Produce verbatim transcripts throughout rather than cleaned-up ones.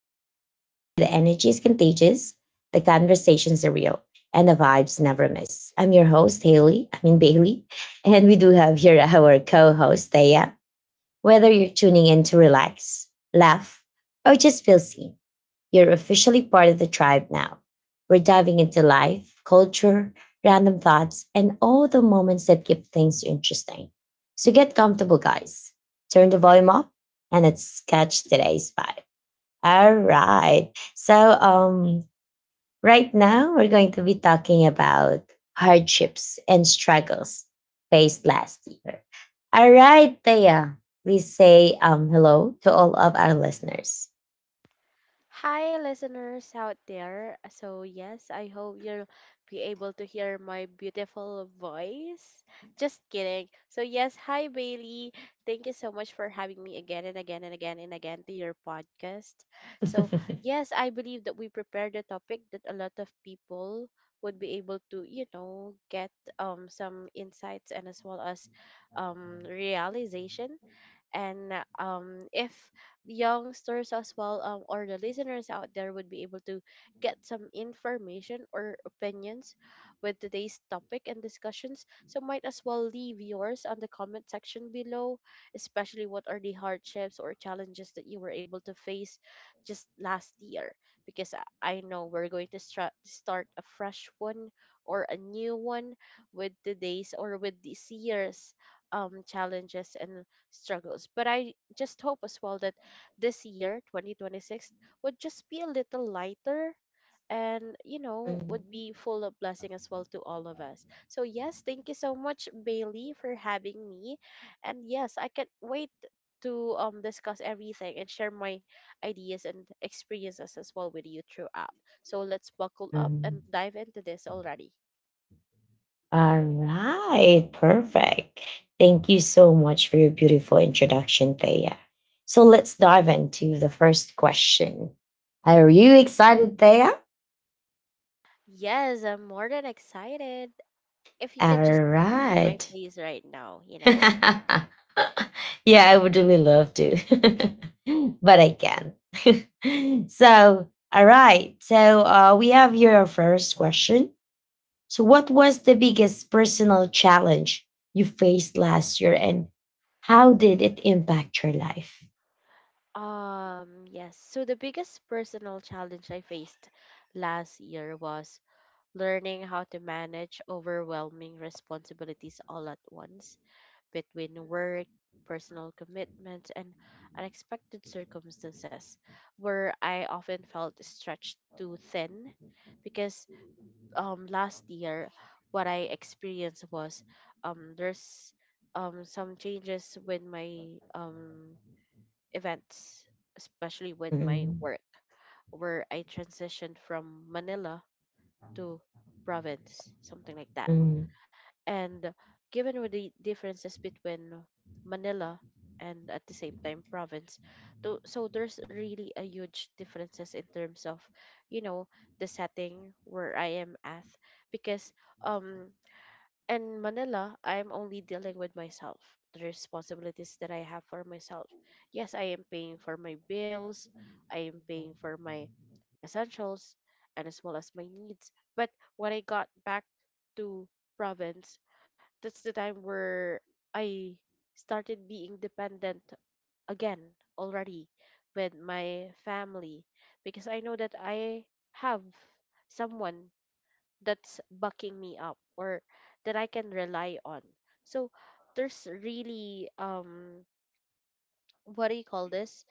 the podcast where the energy is contagious, the conversations are real, and the vibes never miss. I'm your host, Haley. I mean, Bailey. And we do have here our co host, Thea. Whether you're tuning in to relax, laugh, or just feel seen, you're officially part of the tribe now. We're diving into life, culture, random thoughts, and all the moments that keep things interesting. So get comfortable, guys. Turn the volume up and let's catch today's vibe. All right. So, um, right now we're going to be talking about hardships and struggles faced last year. All right, Thea, please say um, hello to all of our listeners. Hi, listeners out there. So, yes, I hope you'll be able to hear my beautiful voice. Just kidding. So, yes, hi, Bailey. Thank you so much for having me again and again and again and again to your podcast. So, yes, I believe that we prepared a topic that a lot of people would be able to, you know, get um, some insights, and as well as um, realization, and um, if youngsters as well, um, or the listeners out there, would be able to get some information or opinions with today's topic and discussions. So might as well leave yours on the comment section below, especially what are the hardships or challenges that you were able to face just last year, because i I know we're going to stra- start a fresh one or a new one with today's or with this year's um challenges and struggles. But I just hope as well that this year, twenty twenty-six, would just be a little lighter and, you know, would Mhm. be full of blessing as well to all of us. So, yes, thank you so much, Bailey, for having me. And yes, I can't wait to um discuss everything and share my ideas and experiences as well with you throughout. So let's buckle up and Mhm. dive into this already. All right, perfect. Thank you so much for your beautiful introduction, Thea. So let's dive into the first question. Are you excited, Thea? Yes, I'm more than excited. If you All could just see my right. face right now, you know. Yeah, I would really love to, but I can. So, all right. So uh, we have your first question. So, what was the biggest personal challenge you faced last year, and how did it impact your life? Um, yes. So the biggest personal challenge I faced last year was learning how to manage overwhelming responsibilities all at once, between work, personal commitments, and unexpected circumstances, where I often felt stretched too thin. Because um last year what I experienced was um there's um some changes with my um events, especially with my Mm. work, where I transitioned from Manila to province, something like that. Mm. And given with the differences between Manila and at the same time province, tho- so there's really a huge differences in terms of, you know, the setting where I am at. Because um in Manila, I am only dealing with myself, the responsibilities that I have for myself. Yes, I am paying for my bills, I am paying for my essentials, and as well as my needs. But when I got back to province, that's the time where I started being dependent again already with my family, because I know that I have someone that's bucking me up or that I can rely on. So there's really um what do you call this?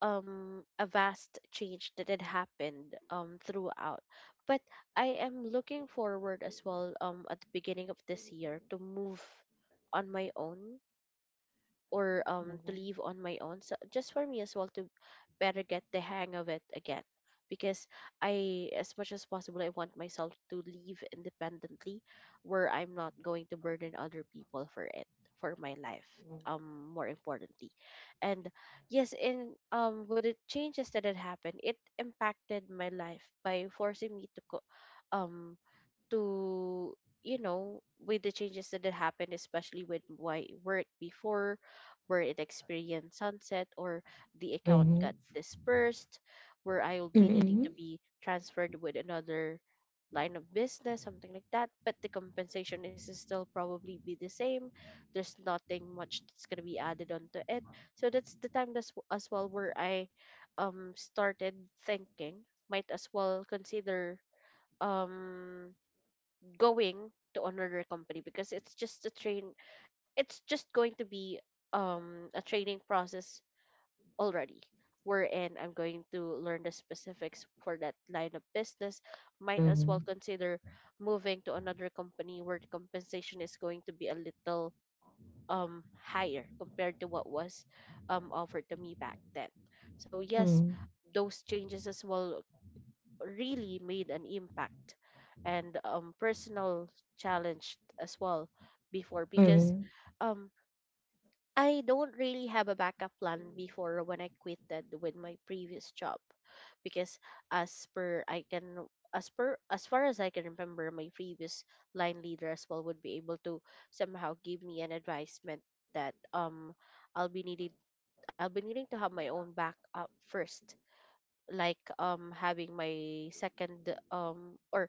Um a vast change that had happened um throughout. But I am looking forward as well um at the beginning of this year to move on my own, or um to leave on my own, so just for me as well to better get the hang of it again. Because I as much as possible I want myself to live independently, where I'm not going to burden other people for it, for my life, um more importantly. And yes, in um with the changes that had happened, it impacted my life by forcing me to co- um to you know, with the changes that had happened, especially with why work before, where it experienced sunset or the account Mhm. got dispersed, where I will be needing to Mhm. be transferred with another line of business, something like that. But the compensation is still probably be the same, there's nothing much that's going to be added onto it. So that's the time that's w- as well where I um started thinking, might as well consider um going to another company, because it's just a train, it's just going to be um a training process already, wherein I'm going to learn the specifics for that line of business. Might as well Mhm. consider moving to another company where the compensation is going to be a little um higher compared to what was um offered to me back then. So yes, Mhm. those changes as well really made an impact. And um, personal challenge as well before, because Mhm. um, I don't really have a backup plan before, when I quitted with my previous job. Because as per I can, as per as far as I can remember, my previous line leader as well would be able to somehow give me an advisement that um I'll be needing, I'll be needing to have my own backup first, like um having my second um or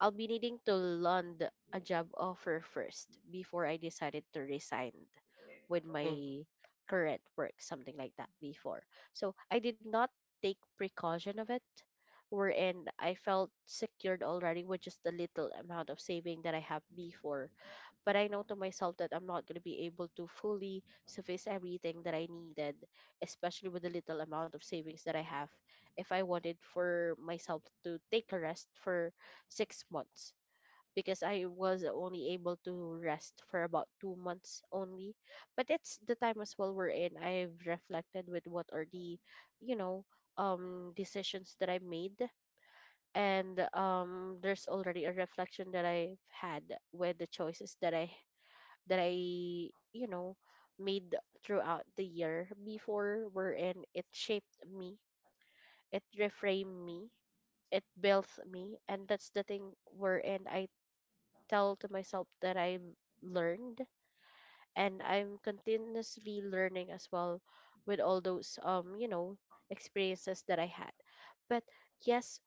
I'll be needing to land a job offer first before I decided to resign with my current work, something like that before. So I did not take precaution of it, wherein I felt secured already with just the little amount of saving that I have before. But I know to myself that I'm not going to be able to fully suffice everything that I needed, especially with the little amount of savings that I have. If I wanted for myself to take a rest for six months, because I was only able to rest for about two months only. But it's the time as well we're in. I've reflected with what are the, you know, um decisions that I made. And um there's already a reflection that I've had with the choices that I that I, you know, made throughout the year before, wherein it shaped me, it reframed me, it built me. And that's the thing wherein I tell to myself that I've learned, and I'm continuously learning as well with all those um, you know, experiences that I had. But yes,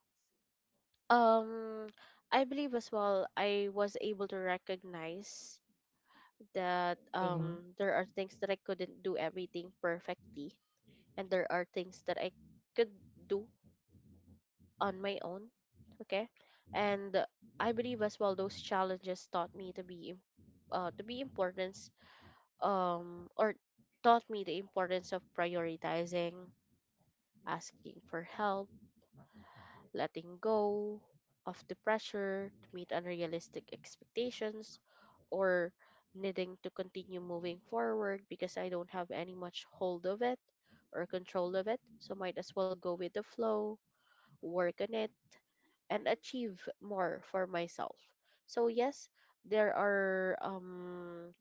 um I believe as well I was able to recognize that Mhm. um there are things that I couldn't do everything perfectly, and there are things that I could do on my own. Okay? And I believe as well those challenges taught me to be im- uh to be importance um or taught me the importance of prioritizing, asking for help, letting go of the pressure to meet unrealistic expectations, or needing to continue moving forward, because I don't have any much hold of it or control of it. So might as well go with the flow, work on it, and achieve more for myself. So yes, there are um,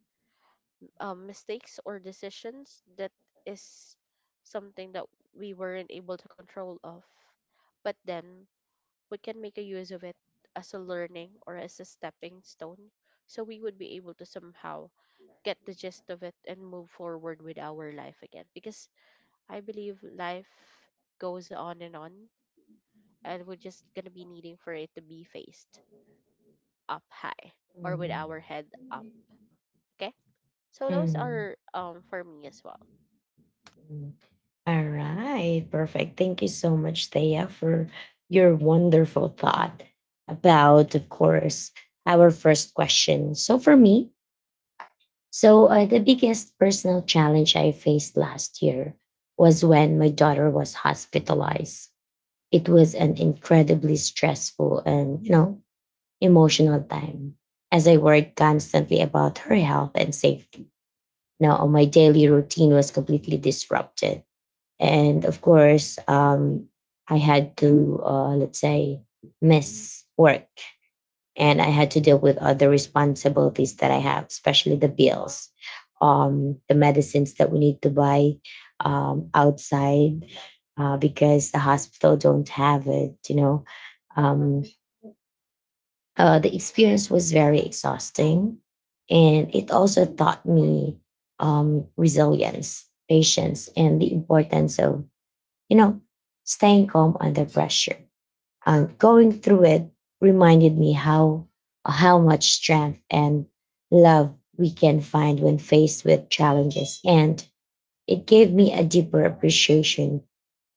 um mistakes or decisions that is something that we weren't able to control of. But then we can make a use of it as a learning or as a stepping stone, so we would be able to somehow get the gist of it and move forward with our life again. Because I believe life goes on and on, and we're just going to be needing for it to be faced up high, or with Mhm. our head up. Okay, so those Mhm. are, um for me as well. Mhm. All right, perfect. Thank you so much, Thea, for your wonderful thought about, of course, our first question. So, for me, so uh, the biggest personal challenge I faced last year was when my daughter was hospitalized. It was an incredibly stressful and, you know, emotional time as I worried constantly about her health and safety. Now, my daily routine was completely disrupted, and of course, um, I had to, uh, let's say, miss work, and I had to deal with other responsibilities that I have, especially the bills, um, the medicines that we need to buy um, outside, uh, because the hospital don't have it, you know. Um, uh, the experience was very exhausting, and it also taught me um, resilience, patience, and the importance of, you know, staying calm under pressure. And going through it reminded me how how much strength and love we can find when faced with challenges, and it gave me a deeper appreciation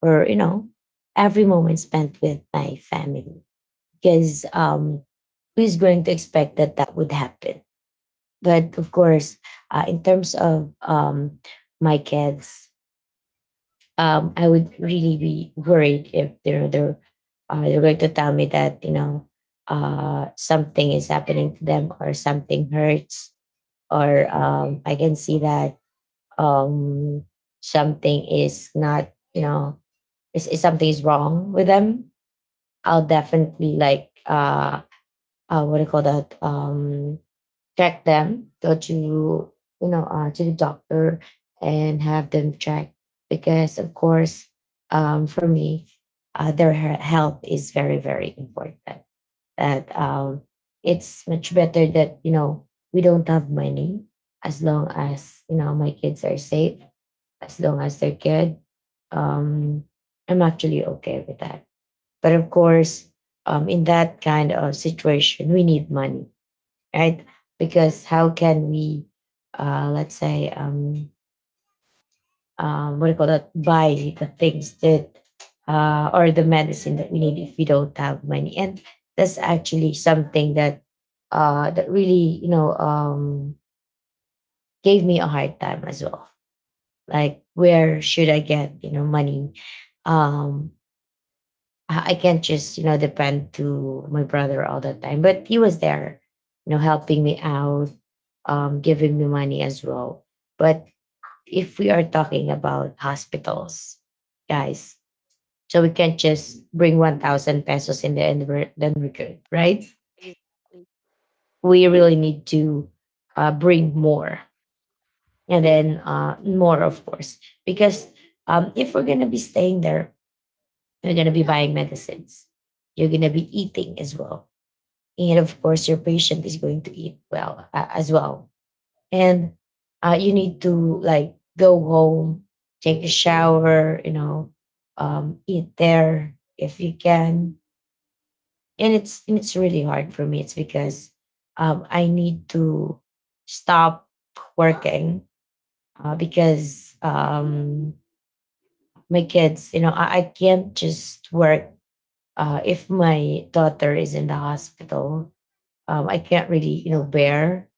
for, you know, every moment spent with my family. Because um who's going to expect that that would happen? But of course, uh, in terms of um my kids, um, I would really be worried if they're they're uh, they're going to tell me that, you know, uh, something is happening to them or something hurts, or um, I can see that um, something is not, you know, is, is something is wrong with them. I'll definitely like uh, uh what do you call that, um check them, go to, you know, uh, to the doctor and have them check. Because of course, um, for me, uh, their he- health is very very important. That um, it's much better that, you know, we don't have money, as long as, you know, my kids are safe, as long as they're good. Um, I'm actually okay with that. But of course, um, in that kind of situation, we need money, right? Because how can we, uh, let's say, um, um, what do you call that? Buy the things that, uh, or the medicine that we need if we don't have money? And that's actually something that, uh, that really, you know, um, gave me a hard time as well. Like, where should I get, you know, money? Um, I I can't just, you know, depend to my brother all the time. But he was there, you know, helping me out, um, giving me money as well. But if we are talking about hospitals, guys, so we can't just bring one thousand pesos in there and we're- then we're good, right? Exactly. We really need to uh, bring more, and then uh, more, of course. Because um, if we're going to be staying there, you're going to be buying medicines, you're going to be eating as well, and of course your patient is going to eat well uh, as well. And uh, you need to like go home, take a shower, you know, um, eat there if you can. And it's and it's really hard for me. It's because um, I need to stop working, uh, because um, my kids, you know, I, I can't just work uh, if my daughter is in the hospital. um, I can't really, you know, bear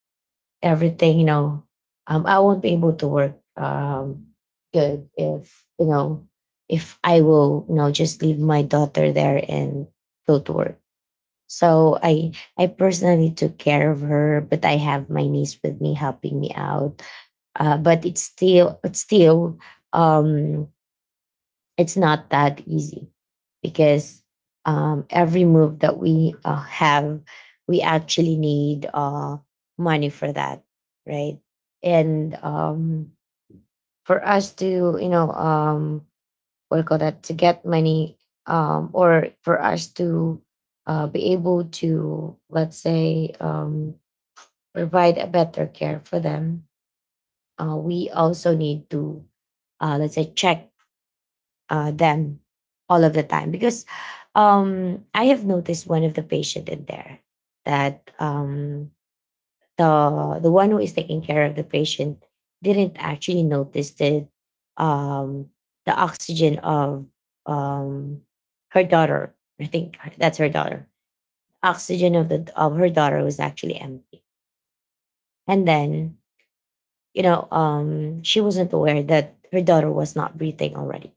everything, you know. um, I won't be able to work um, good if, you know, if I will, you know, just leave my daughter there and go to work. So I I personally took care of her, but I have my niece with me helping me out. Uh, but it's still it's still um, it's not that easy. Because um, every move that we uh, have, we actually need uh, money for that, right? And um, for us to, you know, um, what do you call that, to get money, um, or for us to uh, be able to, let's say, um, provide a better care for them, uh, we also need to, uh, let's say, check uh, them all of the time. Because um, I have noticed one of the patient in there that um, the the one who is taking care of the patient didn't actually notice that um, the oxygen of um, her daughter. I think that's her daughter. Oxygen of the of her daughter was actually empty, and then, you know, um, she wasn't aware that her daughter was not breathing already.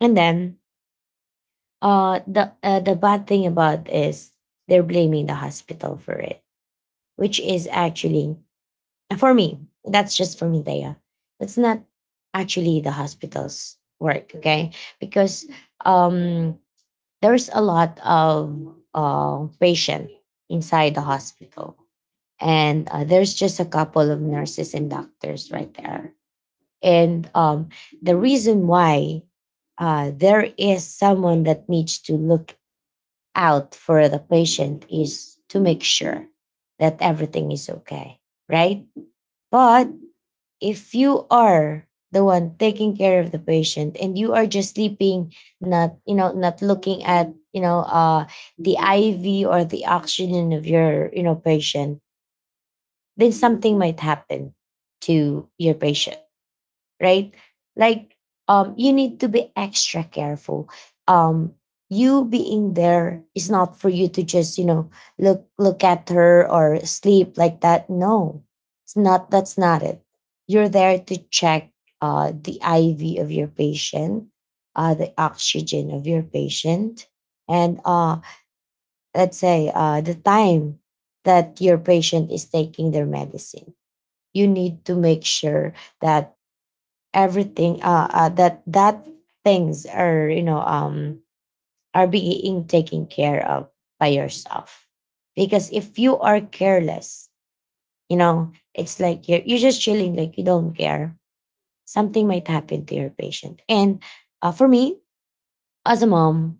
And then Uh, the uh, the bad thing about is they're blaming the hospital for it, which is actually, uh, for me, that's just for me, Daya. That's not actually the hospital's work, okay? Because um, there's a lot of uh, patient inside the hospital, and uh, there's just a couple of nurses and doctors right there. And um, the reason why uh, there is someone that needs to look out for the patient is to make sure that everything is okay, right? But if you are the one taking care of the patient and you are just sleeping, not, you know, not looking at, you know, uh, the I V or the oxygen of your, you know, patient, then something might happen to your patient, right? Like um you need to be extra careful. Um you being there is not for you to just, you know, look look at her or sleep like that. No. It's not That's not it. You're there to check uh the I V of your patient, uh the oxygen of your patient, and uh let's say uh the time that your patient is taking their medicine. You need to make sure that everything, uh, uh that that things are, you know, um are being taken care of by yourself. Because if you are careless, you know, it's like you're, you're just chilling like you don't care, something might happen to your patient. And uh, for me, as a mom,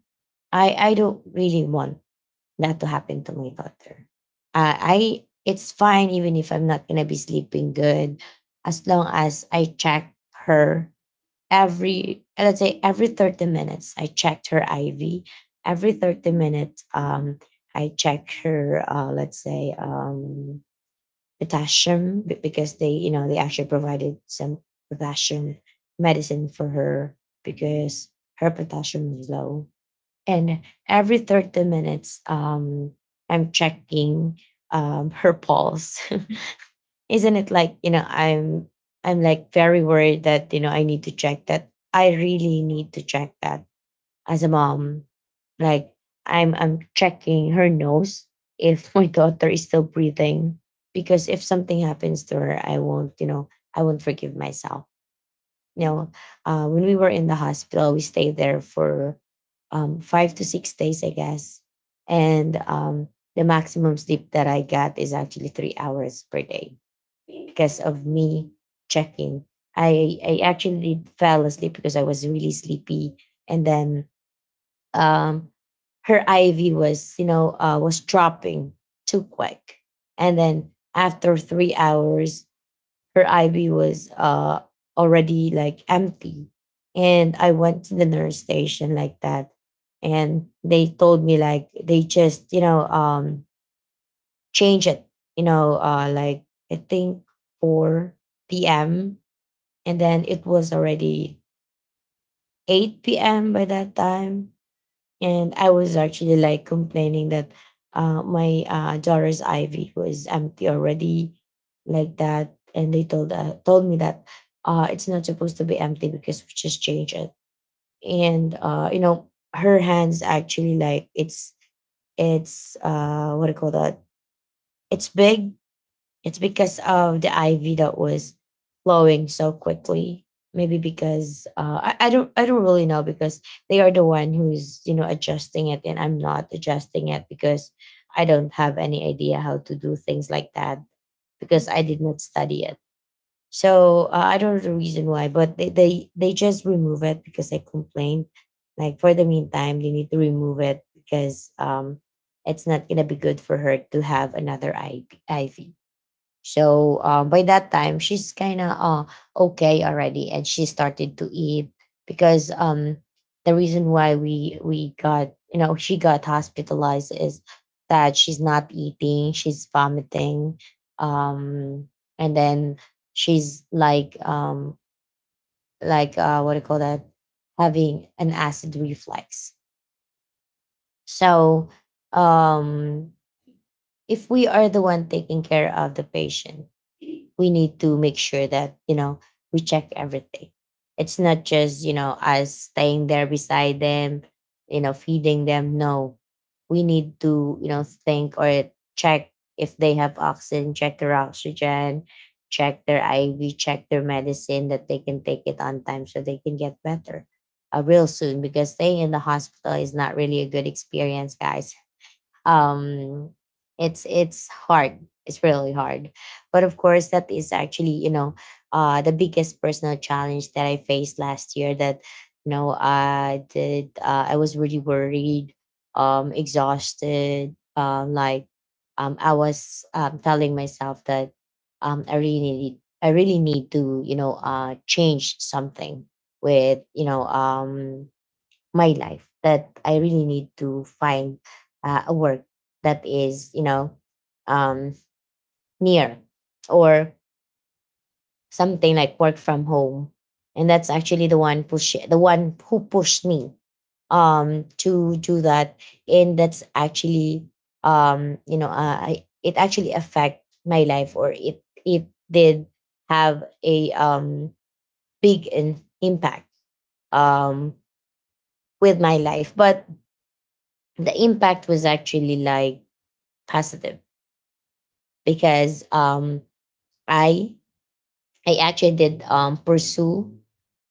i i don't really want that to happen to my daughter. Uh, I It's fine even if I'm not gonna be sleeping good, as long as I check her every, let's say, every thirty minutes I checked her IV, every thirty minutes um I check her, uh let's say, um potassium be- because they, you know, they actually provided some potassium medicine for her because her potassium is low. And every thirty minutes um I'm checking um her pulse. Isn't it like, you know, i'm i'm like very worried that, you know, I need to check that, I really need to check that, as a mom. Like i'm I'm checking her nose if my daughter is still breathing. Because if something happens to her, I won't, you know, I won't forgive myself. You know, uh, when we were in the hospital, we stayed there for um, five to six days, I guess. And um, the maximum sleep that I got is actually three hours per day because of me checking. I I actually fell asleep because I was really sleepy, and then um, her I V was, you know, uh, was dropping too quick, and then after three hours her I V was, uh, already like empty. And I went to the nurse station like that. And they told me like they just, you know, um, change it, you know, uh, like I think four p m. And then it was already eight p m by that time, and I was actually like complaining that, uh, my uh, daughter's I V was empty already, like that. And they told uh, told me that, uh, it's not supposed to be empty because we just changed it. And uh, you know, her hands actually like it's it's uh, what do you call that? It's big. It's because of the I V that was flowing so quickly. Maybe because uh, I, I don't I don't really know because they are the one who's, you know, adjusting it, and I'm not adjusting it because I don't have any idea how to do things like that because I did not study it. So uh, I don't know the reason why, but they, they they just remove it because I complained. Like for the meantime, they need to remove it because um it's not gonna be good for her to have another I V. So uh, by that time, she's kind of uh, okay already, and she started to eat because um, the reason why we we got, you know, she got hospitalized is that she's not eating, she's vomiting, um, and then she's like um, like uh, what do you call that, having an acid reflux. So um if we are the one taking care of the patient, we need to make sure that, you know, we check everything. It's not just, you know, us staying there beside them, you know, feeding them. No, we need to, you know, think or check if they have oxygen, check their oxygen, check their IV, check their medicine that they can take it on time so they can get better uh, real soon, because staying in the hospital is not really a good experience, guys. um it's it's hard it's really hard. But of course, that is actually, you know, uh the biggest personal challenge that I faced last year, that, you know, i did uh, I was really worried, um exhausted, um like um I was um telling myself that um i really need I really need to, you know, uh change something with, you know, um my life, that I really need to find uh, a work that is, you know, um, near, or something like work from home. And that's actually the one push the one who pushed me um to do that. And that's actually, um, you know, uh, I, it actually affect my life, or it it did have a um big in, impact um with my life. But the impact was actually like positive, because um i I actually did um pursue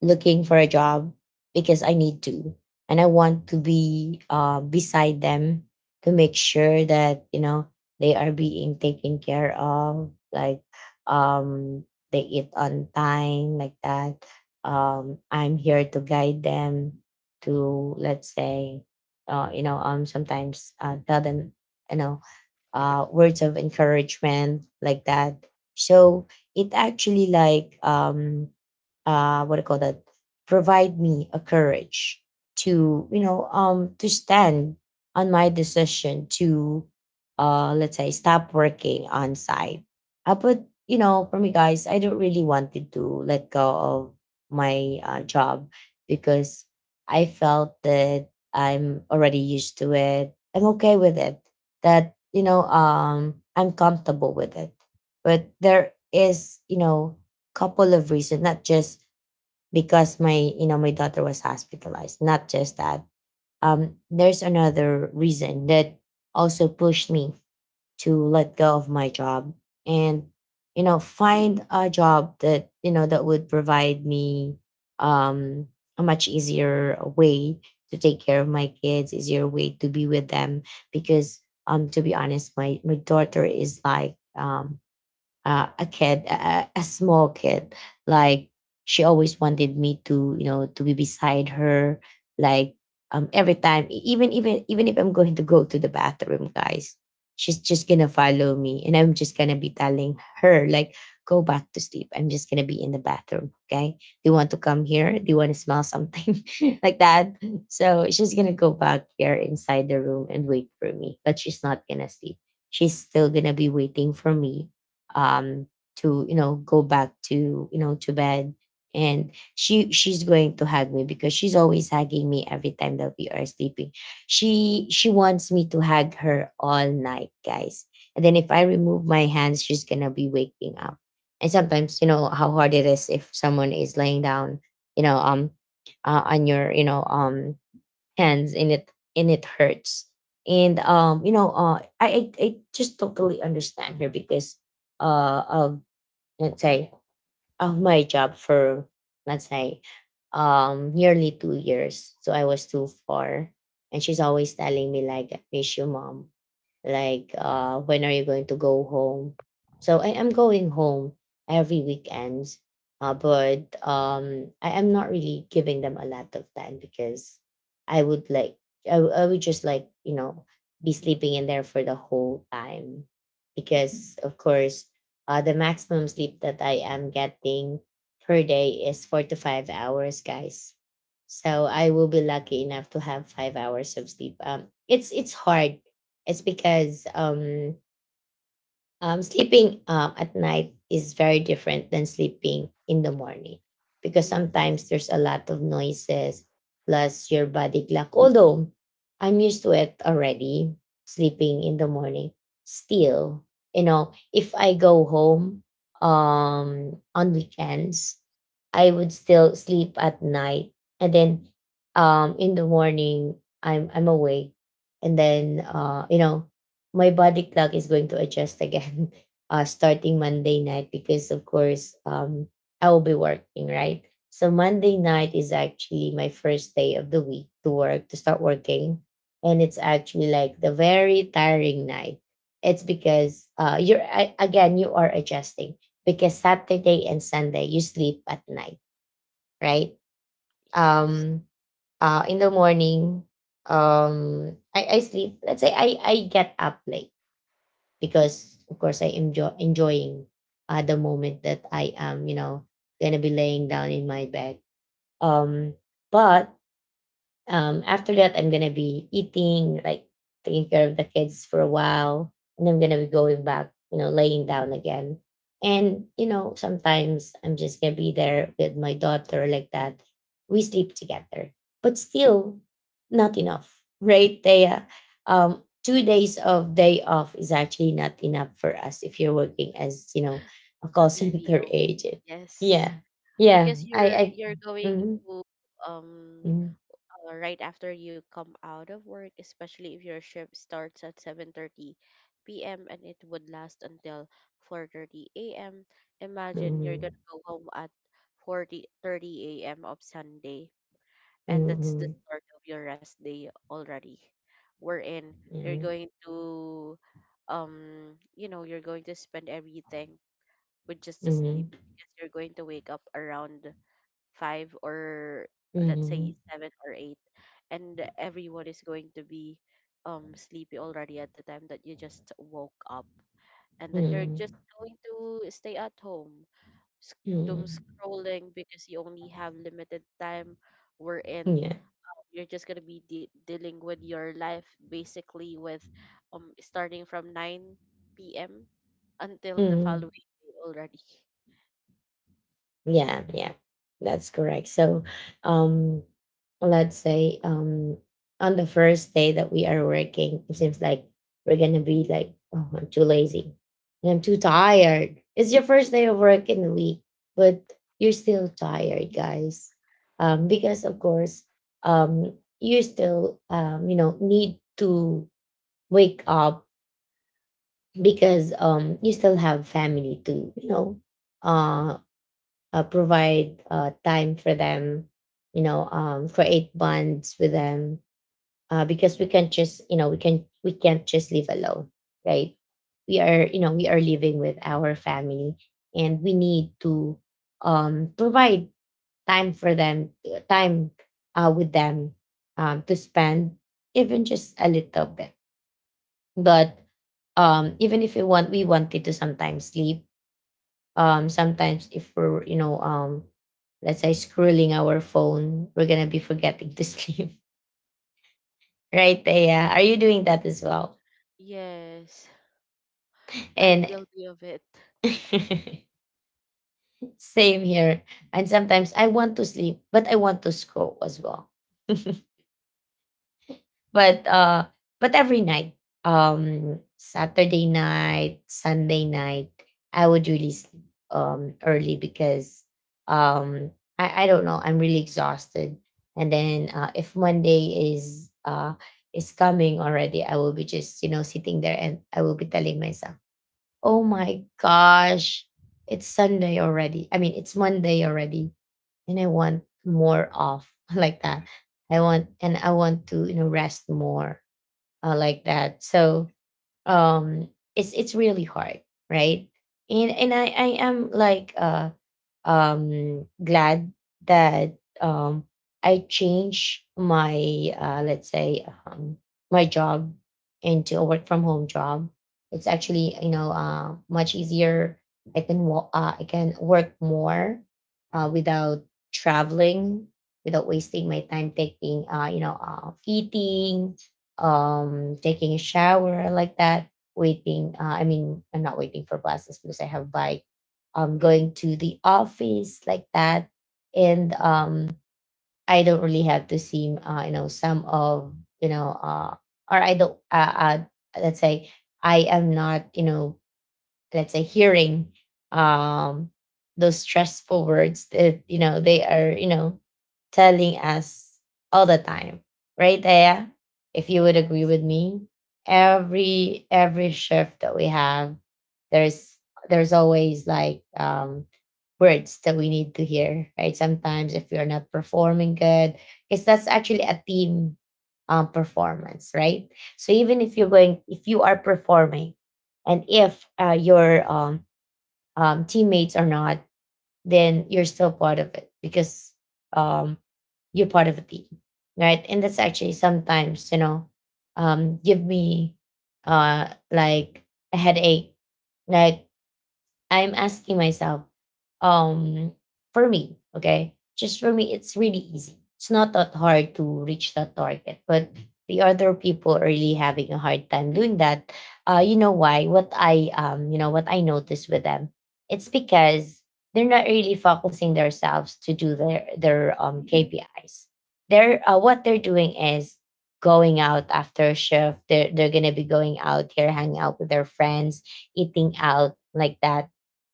looking for a job because I need to. And I want to be uh beside them, to make sure that, you know, they are being taken care of, like um they eat on time, like that. um I'm here to guide them, to let's say uh you know um sometimes uh tell them, you know, uh, words of encouragement, like that. So it actually like um, uh, what do call that, provide me a courage to, you know, um to stand on my decision to uh let's say stop working on site. Uh, but you know, for me, guys, I don't really wanted to let go of my uh, job, because I felt that I'm already used to it. I'm okay with it, that, you know, um I'm comfortable with it. But there is, you know, couple of reasons, not just because my, you know, my daughter was hospitalized. Not just that, um there's another reason that also pushed me to let go of my job, and, you know, find a job that, you know, that would provide me um a much easier way to take care of my kids, easier way to be with them. Because um to be honest, my my daughter is like, um uh, a kid, a, a small kid. Like, she always wanted me to, you know, to be beside her. Like, um, every time, e- even even even if I'm going to go to the bathroom, guys, she's just gonna follow me, and I'm just gonna be telling her like, "Go back to sleep. I'm just gonna be in the bathroom. Okay? Do you want to come here? Do you want to smell something like that?" So she's gonna go back there inside the room and wait for me, but she's not gonna sleep. She's still gonna be waiting for me um to, you know, go back to, you know, to bed. And she she's going to hug me because she's always hugging me every time that we are sleeping. She she wants me to hug her all night, guys. And then if I remove my hands, she's gonna be waking up. And sometimes you know how hard it is if someone is laying down, you know, um uh, on your, you know, um hands, and it and it hurts. And um you know, uh i i, I just totally understand her because uh of, let's say, of my job for, let's say, um nearly two years. So I was too far, and she's always telling me like, "I miss you, Mom," like, uh When are you going to go home?" So I am going home every weekends. Uh, but um I am not really giving them a lot of time because I would like, I, w- I would just like, you know, be sleeping in there for the whole time, because of course uh the maximum sleep that I am getting per day is four to five hours, guys. So I will be lucky enough to have five hours of sleep. Um it's it's hard it's because um, um, sleeping um, at night is very different than sleeping in the morning, because Yes, sometimes there's a lot of noises, plus your body clock. Although I'm used to it already, sleeping in the morning, still, you know, if I go home um, on weekends, I would still sleep at night, and then um, in the morning I'm I'm awake, and then uh, you know, my body clock is going to adjust again, uh, starting Monday night, because of course um, I will be working, right? So Monday night is actually my first day of the week to work, to start working, and it's actually like the very tiring night. It's because uh, you're I, again, you are adjusting, because Saturday and Sunday you sleep at night, right? yes, Um, uh, in the morning, um, I, I sleep. Let's say I I get up late, because of course I enjoy enjoying uh, the moment that I am, you know, gonna be laying down in my bed. Um, but um, After that, I'm gonna be eating, like, taking care of the kids for a while, and I'm gonna be going back, you know, laying down again. And you know, sometimes I'm just gonna be there with my daughter, like that. We sleep together, but still not enough, right? They, uh, um, two yes. days of day off is actually not enough for us if you're working as, you know, a A call B B center O. agent. Yes, Yeah, yeah, because I, you're I. you're going Mhm. to, um Mhm. uh, right after you come out of work, especially if your shift starts at seven thirty p m and it would last until four thirty a m. Imagine you're Mhm. gonna go home at four oh a m of Sunday, and that's the Mhm. start of your rest day already. Wherein you're Mhm. going to, um, you know, you're going to spend everything with just a sleep, Mhm. because you're going to wake up around five, or let's say Mhm. seven or eight, and everyone is going to be um sleepy already at the time that you just woke up, and that you're just Mhm. going to stay at home sc- doom Mhm. scrolling, because you only have limited time wherein Yeah. you're just going to be de- dealing with your life basically with um starting from nine p.m until the Mhm. following day already. Yeah. Yeah. That's correct. So, um, let's say um on the first day that we are working, it seems like we're gonna be like, "Oh, I'm too lazy, and I'm too tired." It's your first day of work in the week, but you're still tired, guys. Um, because of course, um, you still um, you know, need to wake up, because um you still have family to, you know, uh, uh provide uh time for them, you know, um create bonds with them, uh because we can't just, you know, we can we can't just live alone, right? We are, you know, we are living with our family, and we need to um provide time for them, time uh with them, um to spend, even just a little bit. But um even if we want we wanted to sometimes sleep, um sometimes if we're, you know, um let's say scrolling our phone, we're gonna be forgetting to sleep, right? Yeah, are you doing that as well? Yes. I'm And guilty of it. same here. And sometimes I want to sleep, but I want to scroll as well. But uh but every night, um Saturday night, Sunday night, I would really sleep um early, because um i I don't know, I'm really exhausted. And then uh, if monday is uh is coming already, I will be just, you know, sitting there, and I will be telling myself, "Oh my gosh, it's sunday already i mean it's Monday already, and I want more off," like that. i want and I want to, you know, rest more, uh, like that. So, um, it's it's really hard, right? And and I I am like uh um glad that um I changed my, uh let's say, um my job into a work from home job. It's actually, you know, uh much easier. I can wo- uh, I can work more uh, without traveling, without wasting my time taking uh you know uh, eating um taking a shower like that, waiting uh, i mean I'm not waiting for buses because I have bike, um going to the office like that. And um i don't really have to see uh, you know some of you know uh or I don't uh, uh let's say I am not you know let's say hearing um those stressful words that you know they are, you know telling us all the time right there, if you would agree Yes. with me. Every every shift that we have, there's there's always like um words that we need to hear, right? Sometimes if we are not performing good, because that's actually a team um performance, right? So even if you're going, if you are performing, and if uh, your um, um, teammates are not, then you're still part of it because um, you're part of a team, right? And that's actually sometimes, you know um, give me uh, like a headache, right? I'm asking myself, um, for me, okay, just for me, it's really easy. It's not that hard to reach that target, but the other people are really having a hard time doing that. Uh, you know why? What I um, you know, what I noticed with them, it's because they're not really focusing themselves to do their their um K P Is. They're uh, what they're doing is going out after shift. They're they're gonna be going out here, hanging out with their friends, eating out like that,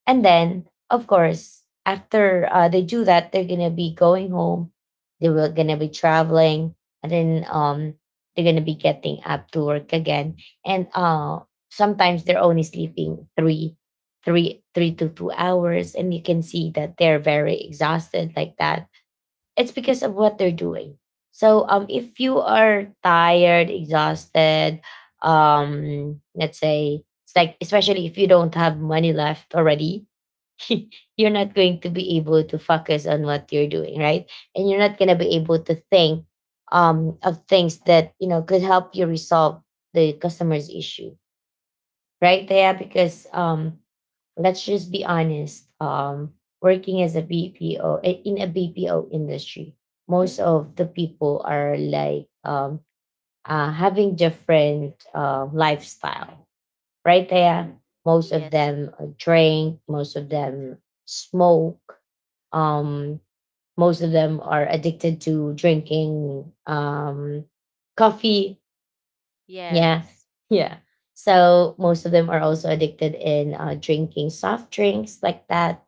and then, of course, after uh, they do that, they're gonna be going home. They were gonna be traveling, and then um, they're gonna be getting up to work again. And uh, sometimes they're only sleeping three, three, three to two hours, and you can see that they're very exhausted like that. It's because of what they're doing. So, um, if you are tired, exhausted, um, let's say it's like, especially if you don't have money left already, you're not going to be able to focus on what you're doing, right? And you're not going to be able to think um, of things that you know could help you resolve the customer's issue, right? Yeah, because um, let's just be honest. Um, working as a B P O eh, in a B P O industry, most of the people are like um, uh, having different uh, lifestyle right there. Most of Yes, them uh, drink, most of indeed. them smoke, um, most of them are addicted to drinking um, coffee. Yeah, Yes, yeah. So most of them are also addicted in uh, drinking soft drinks like that.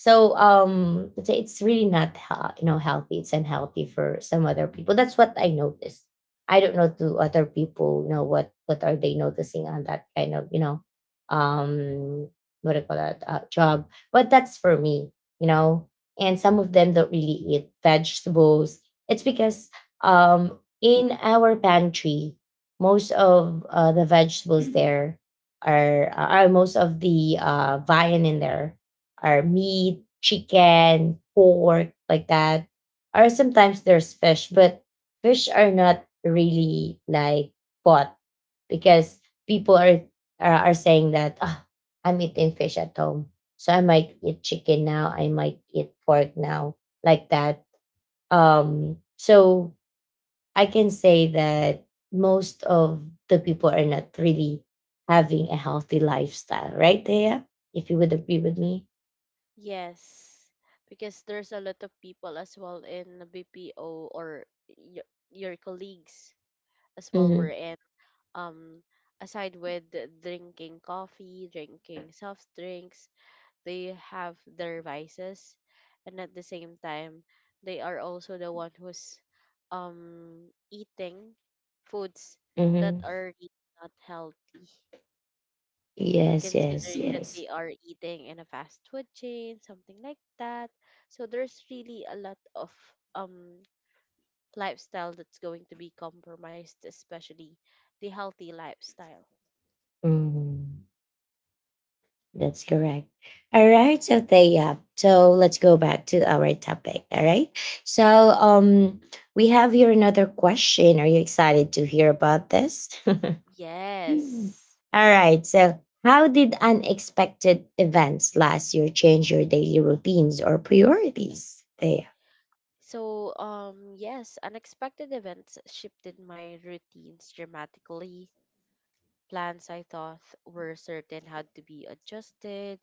So um, it's it's really not hea- you know healthy. It's unhealthy for some other people. That's what I noticed. I don't know, to other people, you know what what are they noticing on that kind of, you know, um, what do you call that uh, job? But that's for me, you know. And some of them don't really eat vegetables. It's because um, in our pantry, most of uh, the vegetables there are are most of the uh, viand in there or meat, chicken, pork, like that. Or sometimes there's fish, but fish are not really like bought because people are are, are saying that, "Ah, I'm eating fish at home, so I might eat chicken now, I might eat pork now, like that." Um, so I can say that most of the people are not really having a healthy lifestyle, right, Thea? If you would agree with me. yes. Because there's a lot of people as well in the B P O, or your, your colleagues as well were Mhm. in, um aside with the drinking coffee, drinking soft drinks, they have their vices, and at the same time they are also the one who's um eating foods that Mm-hmm. are really not healthy, Yes, yes, considering that they yes. are eating in a fast food chain, something like that. So there's really a lot of um lifestyle that's going to be compromised, especially the healthy lifestyle. Mm-hmm. That's correct. All right. So, Thea. So let's go back to our topic. All right. So, um, we have here another question. Are you excited to hear about this? All Yes. right. So, how did unexpected events last year change your daily routines or priorities? Thea. So um yes, unexpected events shifted my routines dramatically. Plans I thought were certain had to be adjusted,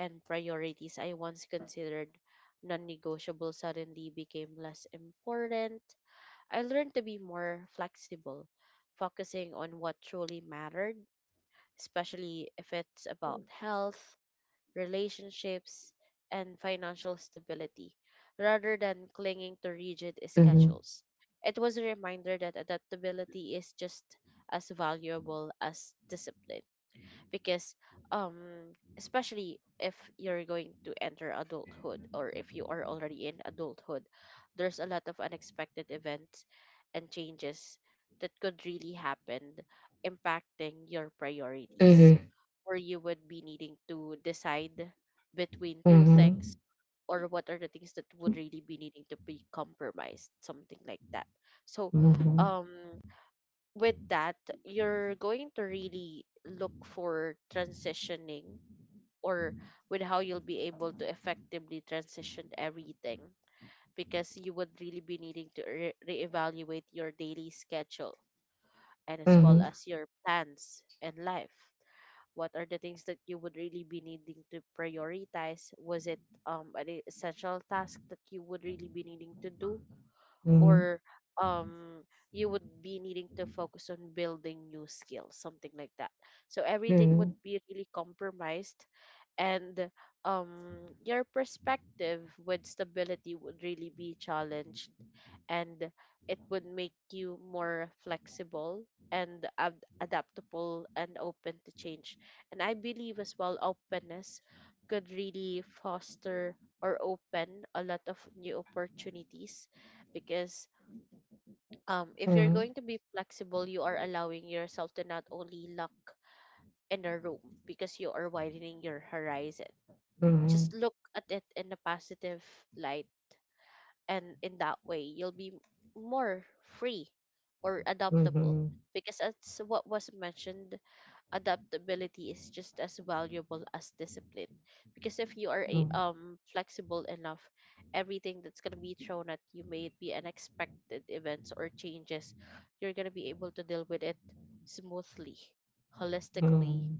and priorities I once considered non negotiable suddenly became less important. I learned to be more flexible, focusing on what truly mattered, especially if it's about health, relationships, and financial stability, rather than clinging to rigid Mm-hmm. schedules. It was a reminder that adaptability is just as valuable as discipline because um especially if you're going to enter adulthood or if you are already in adulthood, there's a lot of unexpected events and changes that could really happen, impacting your priorities, Mm-hmm. where you would be needing to decide between two Mm-hmm. things or what are the things that would really be needing to be compromised, something like that. so Mm-hmm. um with that, you're going to really look for transitioning or with how you'll be able to effectively transition everything, because you would really be needing to re- reevaluate your daily schedule and as well Mm-hmm. as your plans and life. What are the things that you would really be needing to prioritize? Was it um, an essential task that you would really be needing to do? Mm-hmm. Or um you would be needing to focus on building new skills, something like that. So everything would Mm-hmm. be really compromised, and um your perspective with stability would really be challenged, and it would make you more flexible and ad- adaptable and open to change. And I believe as well openness could really foster or open a lot of new opportunities, because um, if you're going to be flexible, you are allowing yourself to not only lock in a room, because you are widening your horizon. Mm-hmm. Just look at it in a positive light, and in that way, you'll be more free or adaptable. Mhm, Because as what was mentioned, adaptability is just as valuable as discipline, because if you are a, mm, um flexible enough, everything that's going to be thrown at you, may it be unexpected events or changes, you're going to be able to deal with it smoothly, holistically, mhm,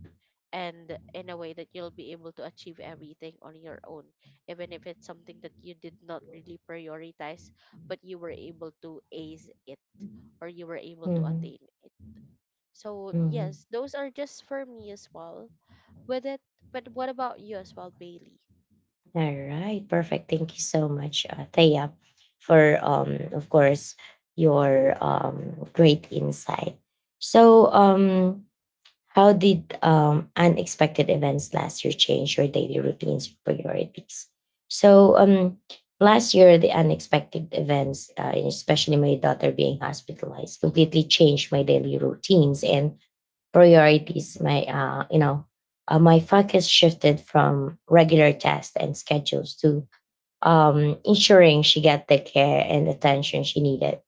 and in a way that you'll be able to achieve everything on your own, even if it's something that you did not really prioritize, but you were able to ace it or you were able to mhm, attain it. So mhm. yes, those are just for me as well. With it, but what about you as well, Bailey? Alright, perfect. Thank you so much, uh, Thea, for um, of course, your um great insight. So, um, how did um unexpected events last year change your daily routines or priorities? So, um, last year the unexpected events, uh, and especially my daughter being hospitalized, completely changed my daily routines and priorities. My uh, you know uh, my focus shifted from regular tasks and schedules to um, ensuring she got the care and attention she needed.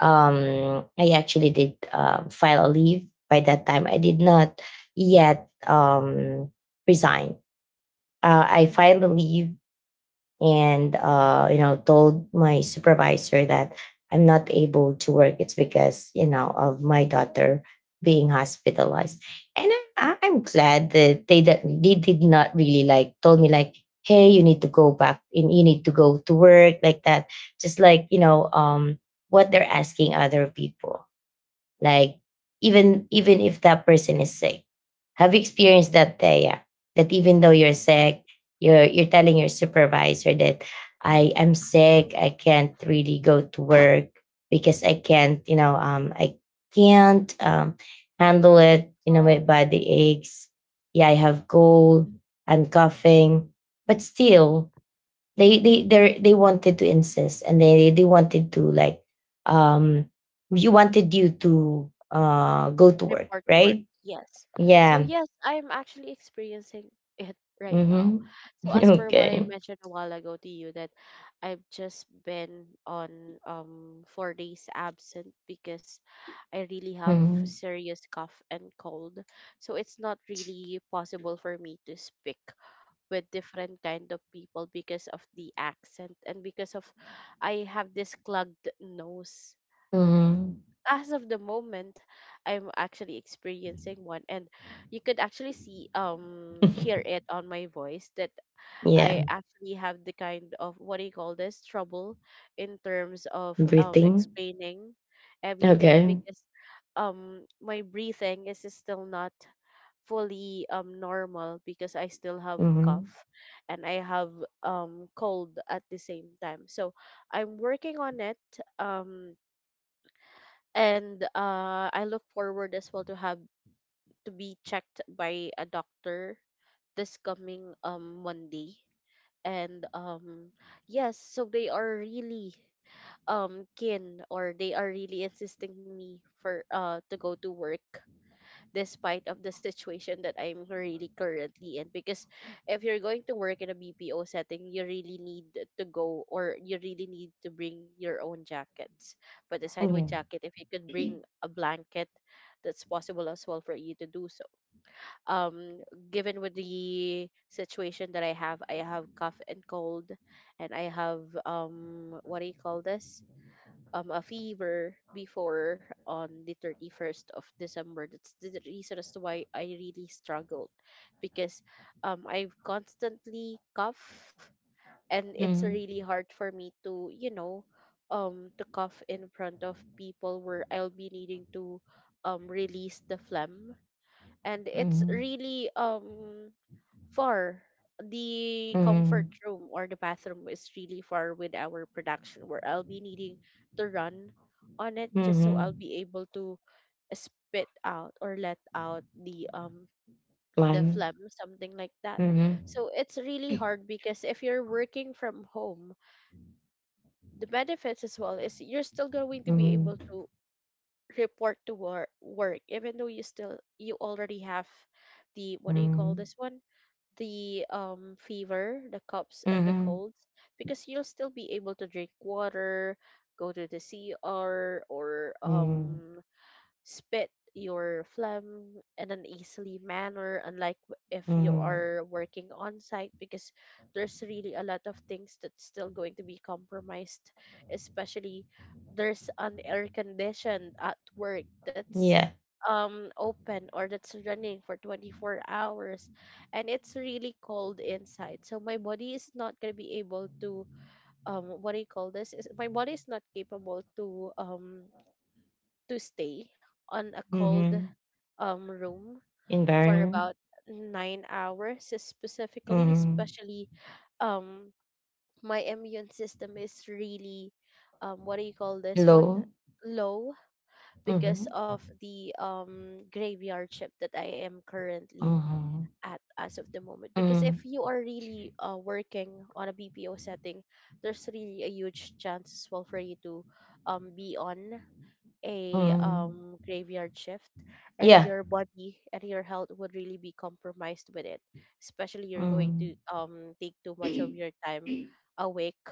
Um, i actually did um file a leave. By that time I did not yet um, resign. Uh, i filed a leave and uh, you know told my supervisor that I'm not able to work. It's because, you know of my daughter being hospitalized. And I, I- i'm glad that they, that they did not really like told me like, "Hey, you need to go back and you need to go to work," like that. Just like, you know um what they're asking other people, like, even even if that person is sick. Have you experienced that, Thea? That even though you're sick, you're you're telling your supervisor that I am sick, I can't really go to work because I can't, you know um i can't um handle Take it, you know, my calls, body aches, yeah, I have cold, I'm coughing, but still they they they they wanted to insist, and they they wanted to like um you wanted you to uh go to work, report to work. right? Yes. So Yeah. yes, I am actually experiencing it right now. Mm-hmm. So as per what I Okay. mentioned a while ago to you, that I've just been on um four days absent because I really have Mm-hmm. serious cough and cold. So it's not really possible for me to speak with different kind of people because of the accent and because of I have this clogged nose. Mm-hmm. As of the moment, I'm actually experiencing one, and you could actually see um hear it on my voice that Yeah. I actually have the kind of, what do you call this, trouble in terms of um Breathing. explaining everything, Okay. because um my breathing is still not fully um normal because I still have Mm-hmm. cough and I have um cold at the same time. So I'm working on it, um and uh I look forward as well to have to be checked by a doctor this coming um Monday. And um yes, so they are really um keen, or they are really insisting me for uh to go to work, despite of the situation that I'm really currently in, because if you're going to work in a B P O setting, you really need to go, or you really need to bring your own jackets. But aside with Yeah. jacket, if you could bring a blanket, that's possible as well for you to do so. um Given with the situation that I have, I have cough and cold, and I have, um what do you call this, um a fever before on the thirty-first of December. That's the reason as to why I really struggled, because um I constantly cough, and it's Mm-hmm. really hard for me to, you know, um to cough in front of people where I'll be needing to um release the phlegm, and it's Mm-hmm. really um Far. The comfort Mm-hmm. room or the bathroom is really far with our production, where I'll be needing to run on it just so I'll Mm-hmm. be able to spit out or let out the um the One. phlegm, something like that. Mm-hmm. So it's really hard, because if you're working from home, the benefits as well is you're still going to be Mm-hmm. able to report to wor- work, even though you still you already have the, what do you call Mm-hmm. this one, the um fever, the coughs and the Mm-hmm. colds, because you'll still be able to drink water, go to the C R, or um spit your phlegm in an easily manner, unlike w- if you Mm-hmm. are working on site, because there's really a lot of things that's still going to be compromised, especially there's an air conditioned at work that's Yeah. um open or that's running for twenty-four hours, and it's really cold inside, so my body is not going to be able to, um what do you call this, is my body is not capable to um to stay on a cold Mm-hmm. um room for about Environment. nine hours specifically, Mm-hmm. especially um my immune system is really, um what do you call this one, Low? low, because Mhm, of the um graveyard shift that I am currently mhm, at as of the moment, because if mhm, you are really uh, working on a B P O setting, there's really a huge chance as well for you to um be on a mhm. um graveyard shift, and Yeah. your body and your health would really be compromised with it, especially you're going to Mm. um take too much of your time awake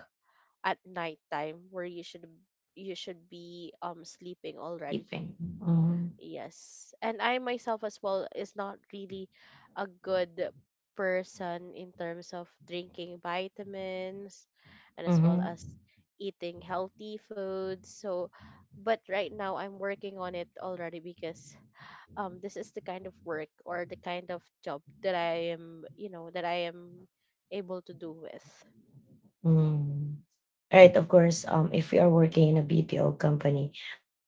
at night time, where you should you should be um sleeping already. Tipping. Mhm, Yes. And I myself as well is not really a good person in terms of drinking vitamins and as well mhm, as eating healthy foods. So, but right now I'm working on it already, because um this is the kind of work or the kind of job that I am, you know, that I am able to do with. mm. Right, of course, um, if we are working in a B P O company,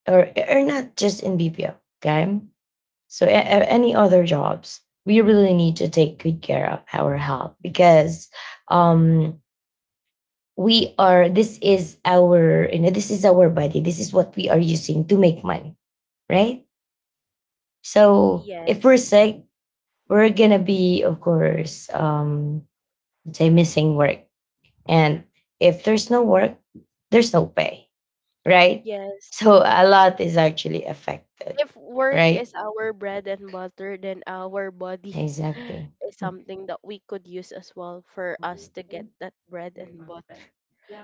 or or not just in B P O, okay? So a- a- any other jobs, we really need to take good care of our health because um we are, this is our, you know this is our body, this is what we are using to make money, right? So if we're Yes. sick, we're gonna be, of course, um, let's say missing work. And if there's no work, there's no pay, right? So Yes. a lot is actually affected, If work right? is our bread and butter, then our body Exactly. is something that we could use as well for us to Mm. get that bread and butter.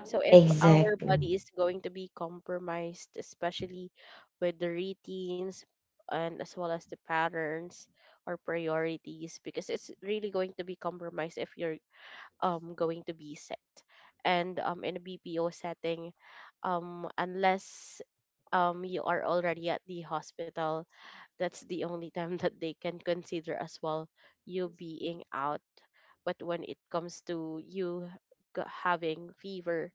So if our Exactly. body is going to be compromised, especially with the routines and as well as the patterns or priorities, because it's really going to be compromised if you're um going to be sick. And um in a B P O setting, um unless um you are already at the hospital, that's the only time that they can consider as well you being out. But when it comes to you g- having fever,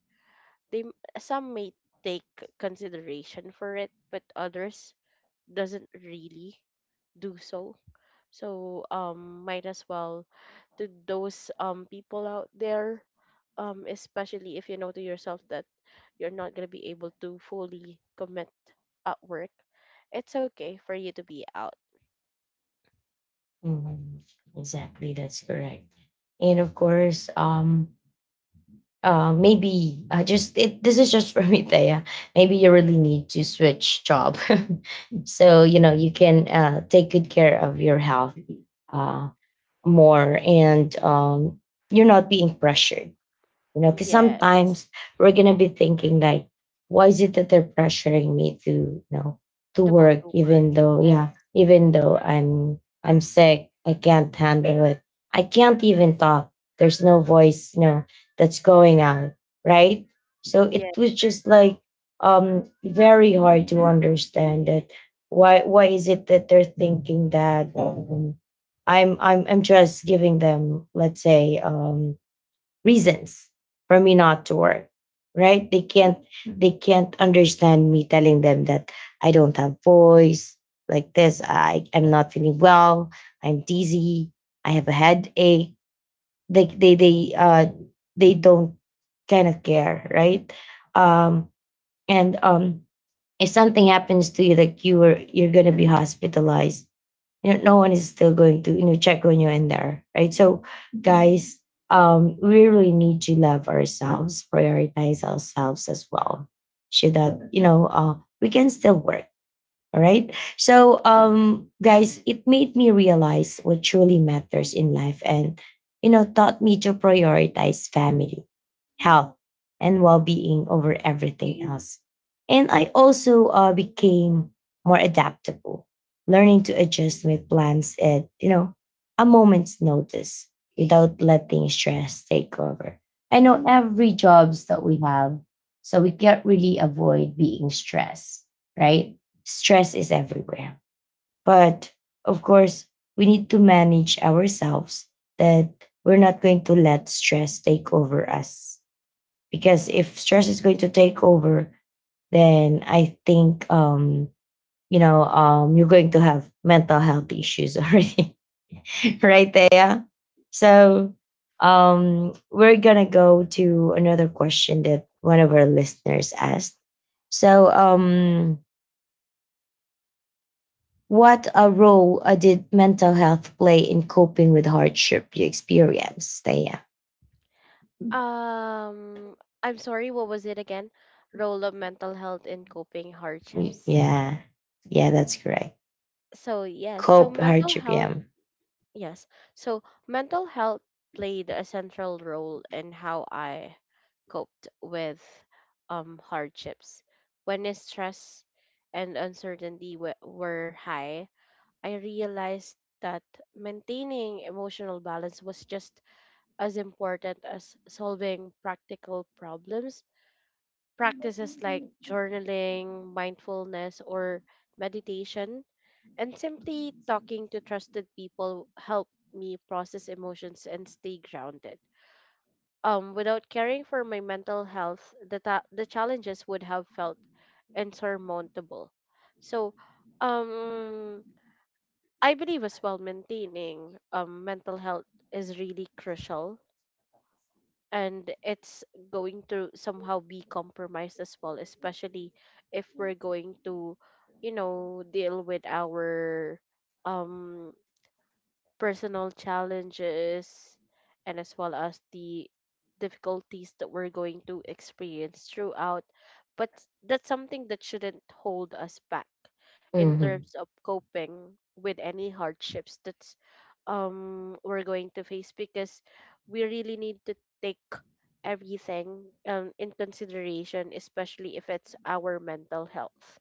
they m- some may take consideration for it, but others doesn't really do so. So um might as well to those um people out there, um especially if you know to yourself that you're not going to be able to fully commit at work, it's okay for you to be out. Mhm. Exactly, that's correct. And of course, um, uh, maybe I just it, this is just for me, Thea. Maybe you really need to switch job, so you know you can uh, take good care of your health uh, more, and um, you're not being pressured, you know, because Yes, sometimes we're gonna be thinking like, why is it that they're pressuring me to, you know, to to go work to work. even though, Yes, yeah, even though I'm I'm sick. sick, I can't handle it. I can't even talk. There's no voice, you know, that's going out, right? So Yeah. it was just like um very hard to understand that why why is it that they're thinking that um, I'm I'm I'm just giving them, let's say, um reasons for me not to work, right? They can't they can't understand me telling them that I don't have voice like this, I am not feeling well, I'm dizzy, I have a headache. They they they uh they don't kind of care, right? um and um If something happens to you, like you were, you're gonna be hospitalized, you know, no one is still going to, you know, check on you in there, right? So guys, um we really need to love ourselves, prioritize ourselves as well, so that you know, uh, we can still work. All right. So, um, guys, it made me realize what truly matters in life and, you know, taught me to prioritize family, health, and well being over everything else. And I also uh, became more adaptable, learning to adjust my plans at, you know, a moment's notice without letting stress take over. I know every jobs that we have, so we can't really avoid being stressed, right? Stress is everywhere. But of course, we need to manage ourselves that we're not going to let stress take over us. Because if stress is going to take over, then I think, um, you know, um, you're going to have mental health issues already, right there. So um, we're gonna go to another question that one of our listeners asked. So um, what a role uh, did mental health play in coping with hardship you experienced? Yeah, Um, I'm sorry, what was it again? Role of mental health in coping hardships. yeah, yeah, that's correct. So, yes, so Cope mental hardship, health, yeah. yes. So, mental health played a central role in how I coped with um hardships. When the stress and uncertainty w- were high, I realized that maintaining emotional balance was just as important as solving practical problems. Practices like journaling, mindfulness, or meditation, and simply talking to trusted people help me process emotions and stay grounded. Um, without caring for my mental health, the, ta- the challenges would have felt insurmountable. So, um, I believe as well maintaining um, mental health is really crucial, and it's going to somehow be compromised as well, especially if we're going to, you know, deal with our um personal challenges and as well as the difficulties that we're going to experience throughout. But that's something that shouldn't hold us back in Mhm. terms of coping with any hardships that's um we're going to face, because we really need to take everything um in consideration, especially if it's our mental health.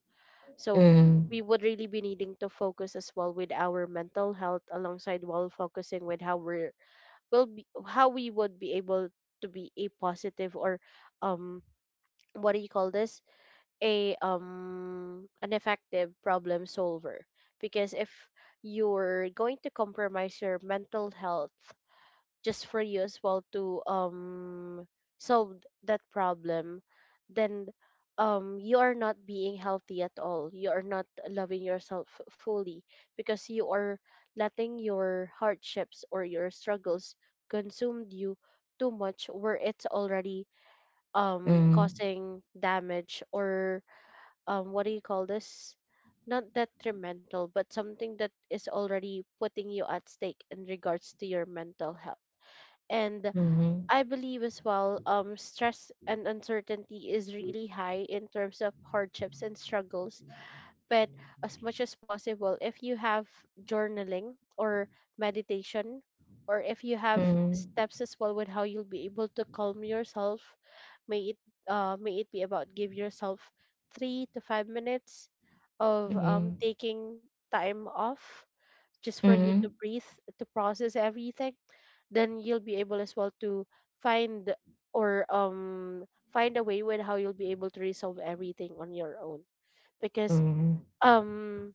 So we Mhm. would really be needing to focus as well with our mental health alongside while focusing with how we're will be how we would be able to be a positive or um what do you call this, a um an effective problem solver. Because if you're going to compromise your mental health just for you as well to um solve that problem, then um you are not being healthy at all, you are not loving yourself f- fully, because you are letting your hardships or your struggles consumed you too much, where it's already um Mhm. causing damage or, um what do you call this, not detrimental, but something that is already putting you at stake in regards to your mental health. And I believe as well, um, stress and uncertainty is really high in terms of hardships and struggles. But as much as possible, if you have journaling or meditation, or if you have Mhm. steps as well with how you'll be able to calm yourself, may it uh, may it be about give yourself three to five minutes of um, Mhm. taking time off just for you to Mhm. breathe, to process everything, then you'll be able as well to find or um find a way with how you'll be able to resolve everything on your own, because Mhm. um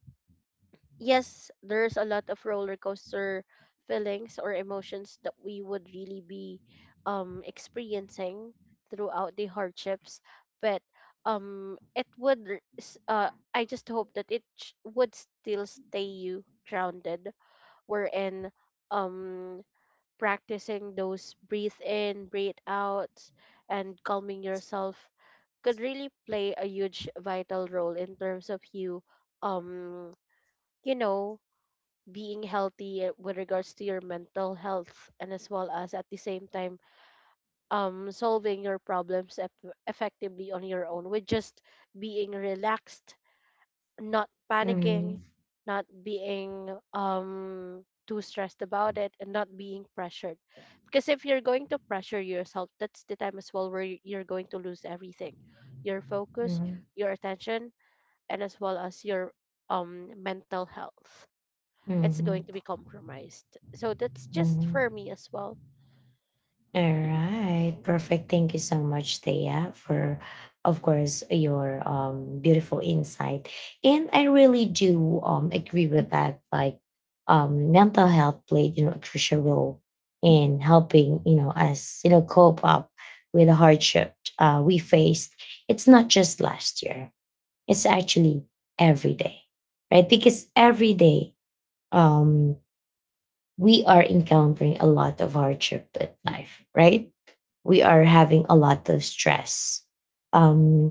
yes, there's a lot of roller coaster feelings or emotions that we would really be um experiencing throughout the hardships. But um it would r- s- uh I just hope that it sh- would still stay you grounded, wherein um practicing those breathe in, breathe outs, and calming yourself could really play a huge vital role in terms of you, um, you know, being healthy with regards to your mental health and as well as at the same time um solving your problems eff effectively on your own, with just being relaxed, not panicking, Mhm. not being um too stressed about it and not being pressured. Because if you're going to pressure yourself, that's the time as well where y- you're going to lose everything. Your focus, Mhm. your attention, and as well as your um mental health. Mhm. It's going to be Mhm. compromised. So that's just Mhm. for me as well. All right. Perfect. Thank you so much, Thea, for of course your um beautiful insight. And I really do um agree with that. Like um mental health played, you know, a crucial role in helping, you know, us, you know, cope up with the hardship uh, we faced. It's not just last year. It's actually every day. Right? Because every day um we are encountering a lot of hardship in life, right? We are having a lot of stress, um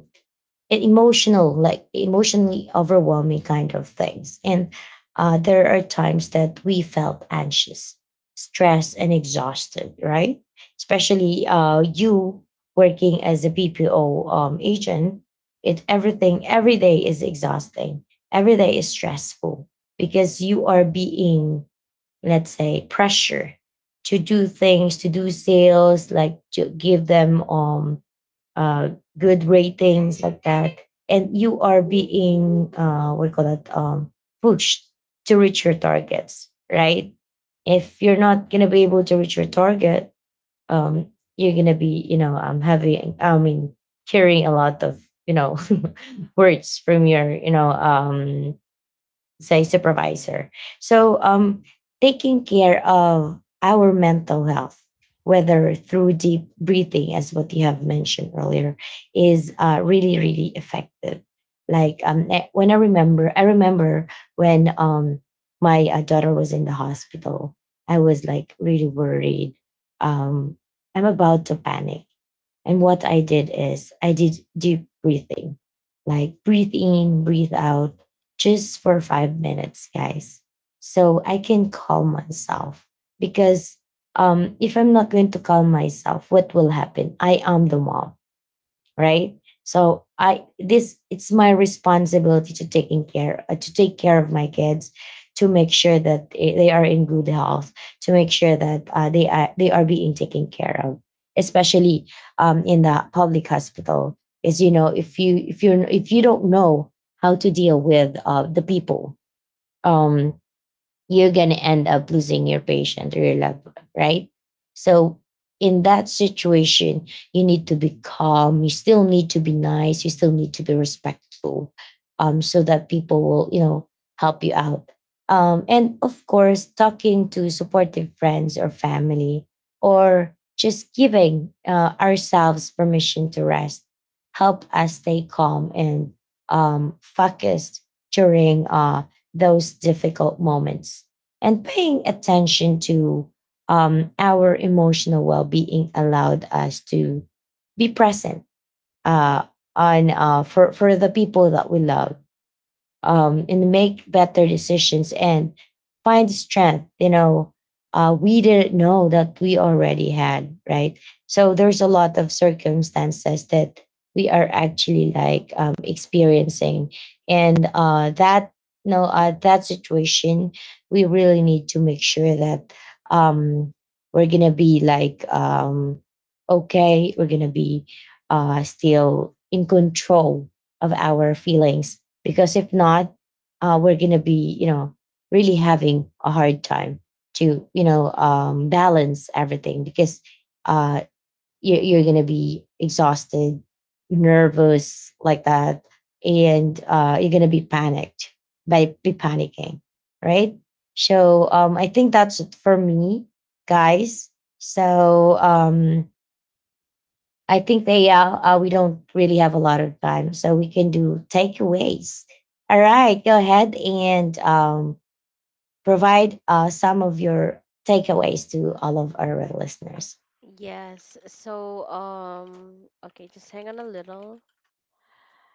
and emotional, like emotionally overwhelming kind of things, and uh, there are times that we felt anxious, stressed, and exhausted, right? Especially uh, you working as a B P O um, agent, it everything, every day is exhausting. Every day is stressful because you are being, let's say, pressure to do things, to do sales, like to give them um uh good ratings like that. And you are being, uh what do you call that um pushed to reach your targets, right? If you're not gonna be able to reach your target, um you're gonna be, you know um having, I mean, carrying a lot of, you know words from your, you know um say, supervisor. So um, taking care of our mental health, whether through deep breathing, as what you have mentioned earlier, is uh, really, really effective. Like, um, eh, when I remember, I remember when um, my uh, daughter was in the hospital, I was like really worried. Um, I'm about to panic, and what I did is I did deep breathing, like breathe in, breathe out, just for five minutes, guys. So I can calm myself because, um, if I'm not going to calm myself, what will happen? I am the mom, right? So i this it's my responsibility to taking care uh, to take care of my kids, to make sure that they they are in good health, to make sure that uh, they are they are being taken care of, especially um, in the public hospital. Is You know, if you if you if you don't know how to deal with uh, the people, um, you're going to end up losing your patient or your loved one, right? So, in that situation, you need to be calm. You still need to be nice. You still need to be respectful, um, so that people will, you know, help you out. Um, and of course, talking to supportive friends or family, or just giving uh, ourselves permission to rest, help us stay calm and um, focused during uh, those difficult moments. And paying attention to um, our emotional well-being allowed us to be present uh, on uh, for for the people that we love, um, and make better decisions, and find strength, you know, uh, we didn't know that we already had, right? So there's a lot of circumstances that we are actually like, um, experiencing, and uh, that, you know uh, that situation, we really need to make sure that um, we're gonna be like, um, okay, we're gonna be uh, still in control of our feelings. Because if not, uh, we're going to be, you know, really having a hard time to, you know um, balance everything. Because uh, you're, you're going to be exhausted, nervous, like that. And uh, you're going to be panicked, by be panicking, right? So um, i think that's it for me, guys. So um, I think they are. Uh, we don't really have a lot of time, so we can do takeaways. All right, go ahead and um, provide uh, some of your takeaways to all of our listeners. Yes. So um okay, just hang on a little.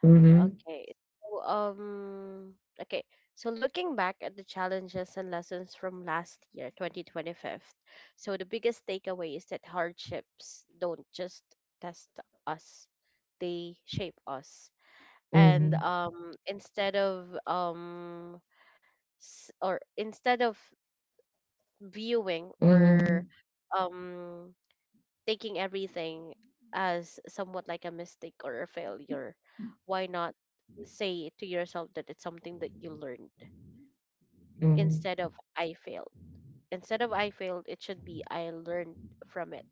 Hmm Okay. So, um, okay. So looking back at the challenges and lessons from last year, twenty twenty-five, so the biggest takeaway is that hardships don't just test us, they shape us. And hmm um, instead of um, s- or instead of viewing or hmm um taking everything as somewhat like a mistake or a failure, why not say to yourself that it's something that you learned hmm instead of I failed? Instead of I failed, it should be I learned from it.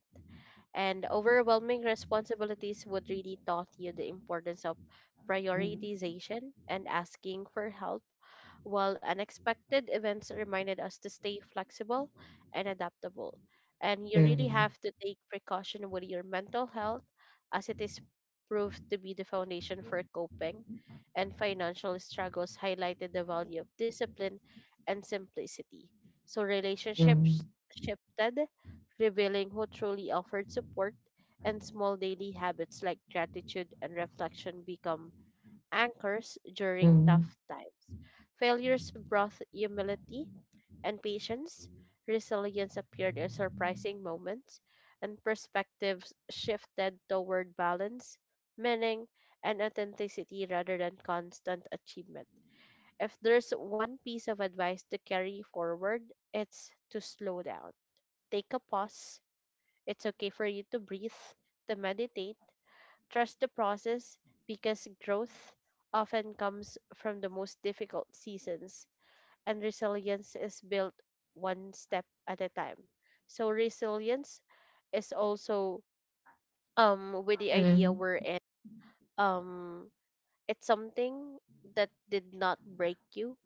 And overwhelming responsibilities would really taught you the importance of prioritization and asking for help, while unexpected events reminded us to stay flexible and adaptable. And you really hmm have to take precaution with your mental health, as it is proved to be the foundation for coping. And financial struggles highlighted the value of discipline and simplicity. So hmm relationships shifted, revealing who truly offered support, and small daily habits like gratitude and reflection become anchors during tough times. Failures brought humility and patience, resilience appeared in surprising moments, and perspectives shifted toward balance, meaning, and authenticity rather than constant achievement. If there's one piece of advice to carry forward, it's to slow down. Take a pause. It's okay for you to breathe, to meditate. Trust the process, because growth often comes from the most difficult seasons, and resilience is built one step at a time. So, resilience is also um, with the idea hmm we're in. Um, it's something that did not break you,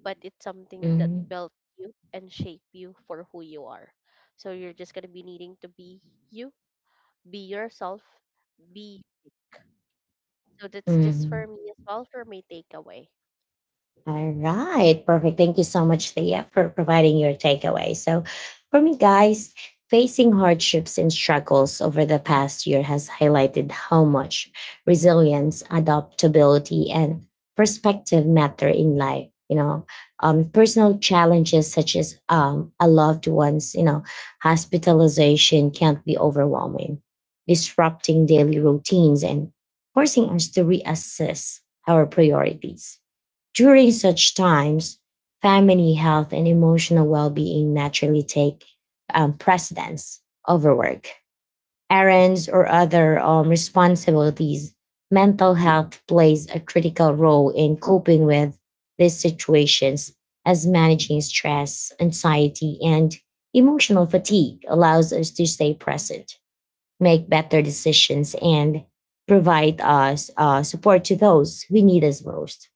but it's something that hmm built you and shape you for who you are. So, you're just going to be needing to be you, be yourself, be. So that's just hmm for me as well for my takeaway. All right, perfect. Thank you so much, Thea, for providing your takeaway. So, for me, guys, facing hardships and struggles over the past year has highlighted how much resilience, adaptability, and perspective matter in life. You know, um, personal challenges such as, um, a loved one's, you know, hospitalization can't be overwhelming, disrupting daily routines and forcing us to reassess our priorities. During such times, family health and emotional well being naturally take um, precedence over work, errands, or other um, responsibilities. Mental health plays a critical role in coping with these situations, as managing stress, anxiety, and emotional fatigue allows us to stay present, make better decisions, and provide us uh, support to those we need us most.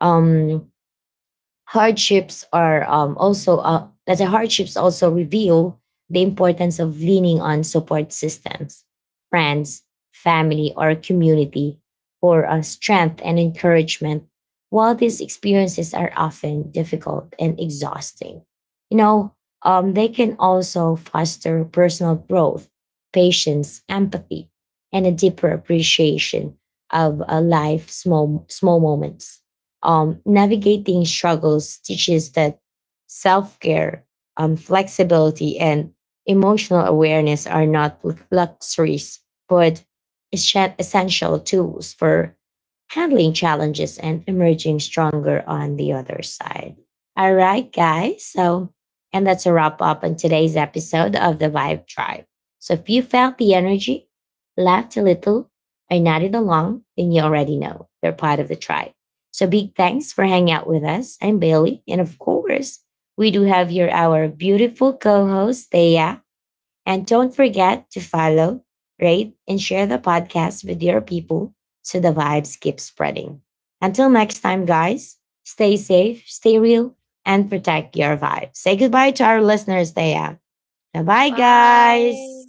Um, Hardships are um, also uh, let's say hardships also reveal the importance of leaning on support systems, friends, family, or community for uh, strength and encouragement. While these experiences are often difficult and exhausting, you know, um, they can also foster personal growth, patience, empathy, and a deeper appreciation of uh, life small small moments. Um, navigating struggles teaches that self care, um, flexibility, and emotional awareness are not lu- luxuries, but essen- essential tools for handling challenges and emerging stronger on the other side. All right, guys. So, and that's a wrap up on today's episode of the Vibe Tribe. So, if you felt the energy, laughed a little, or nodded along, then you already know you're part of the tribe. So big thanks for hanging out with us. I'm Bailey. And of course, we do have here our beautiful co-host, Thea. And don't forget to follow, rate, and share the podcast with your people so the vibes keep spreading. Until next time, guys, stay safe, stay real, and protect your vibe. Say goodbye to our listeners, Thea. Bye-bye, Bye. guys.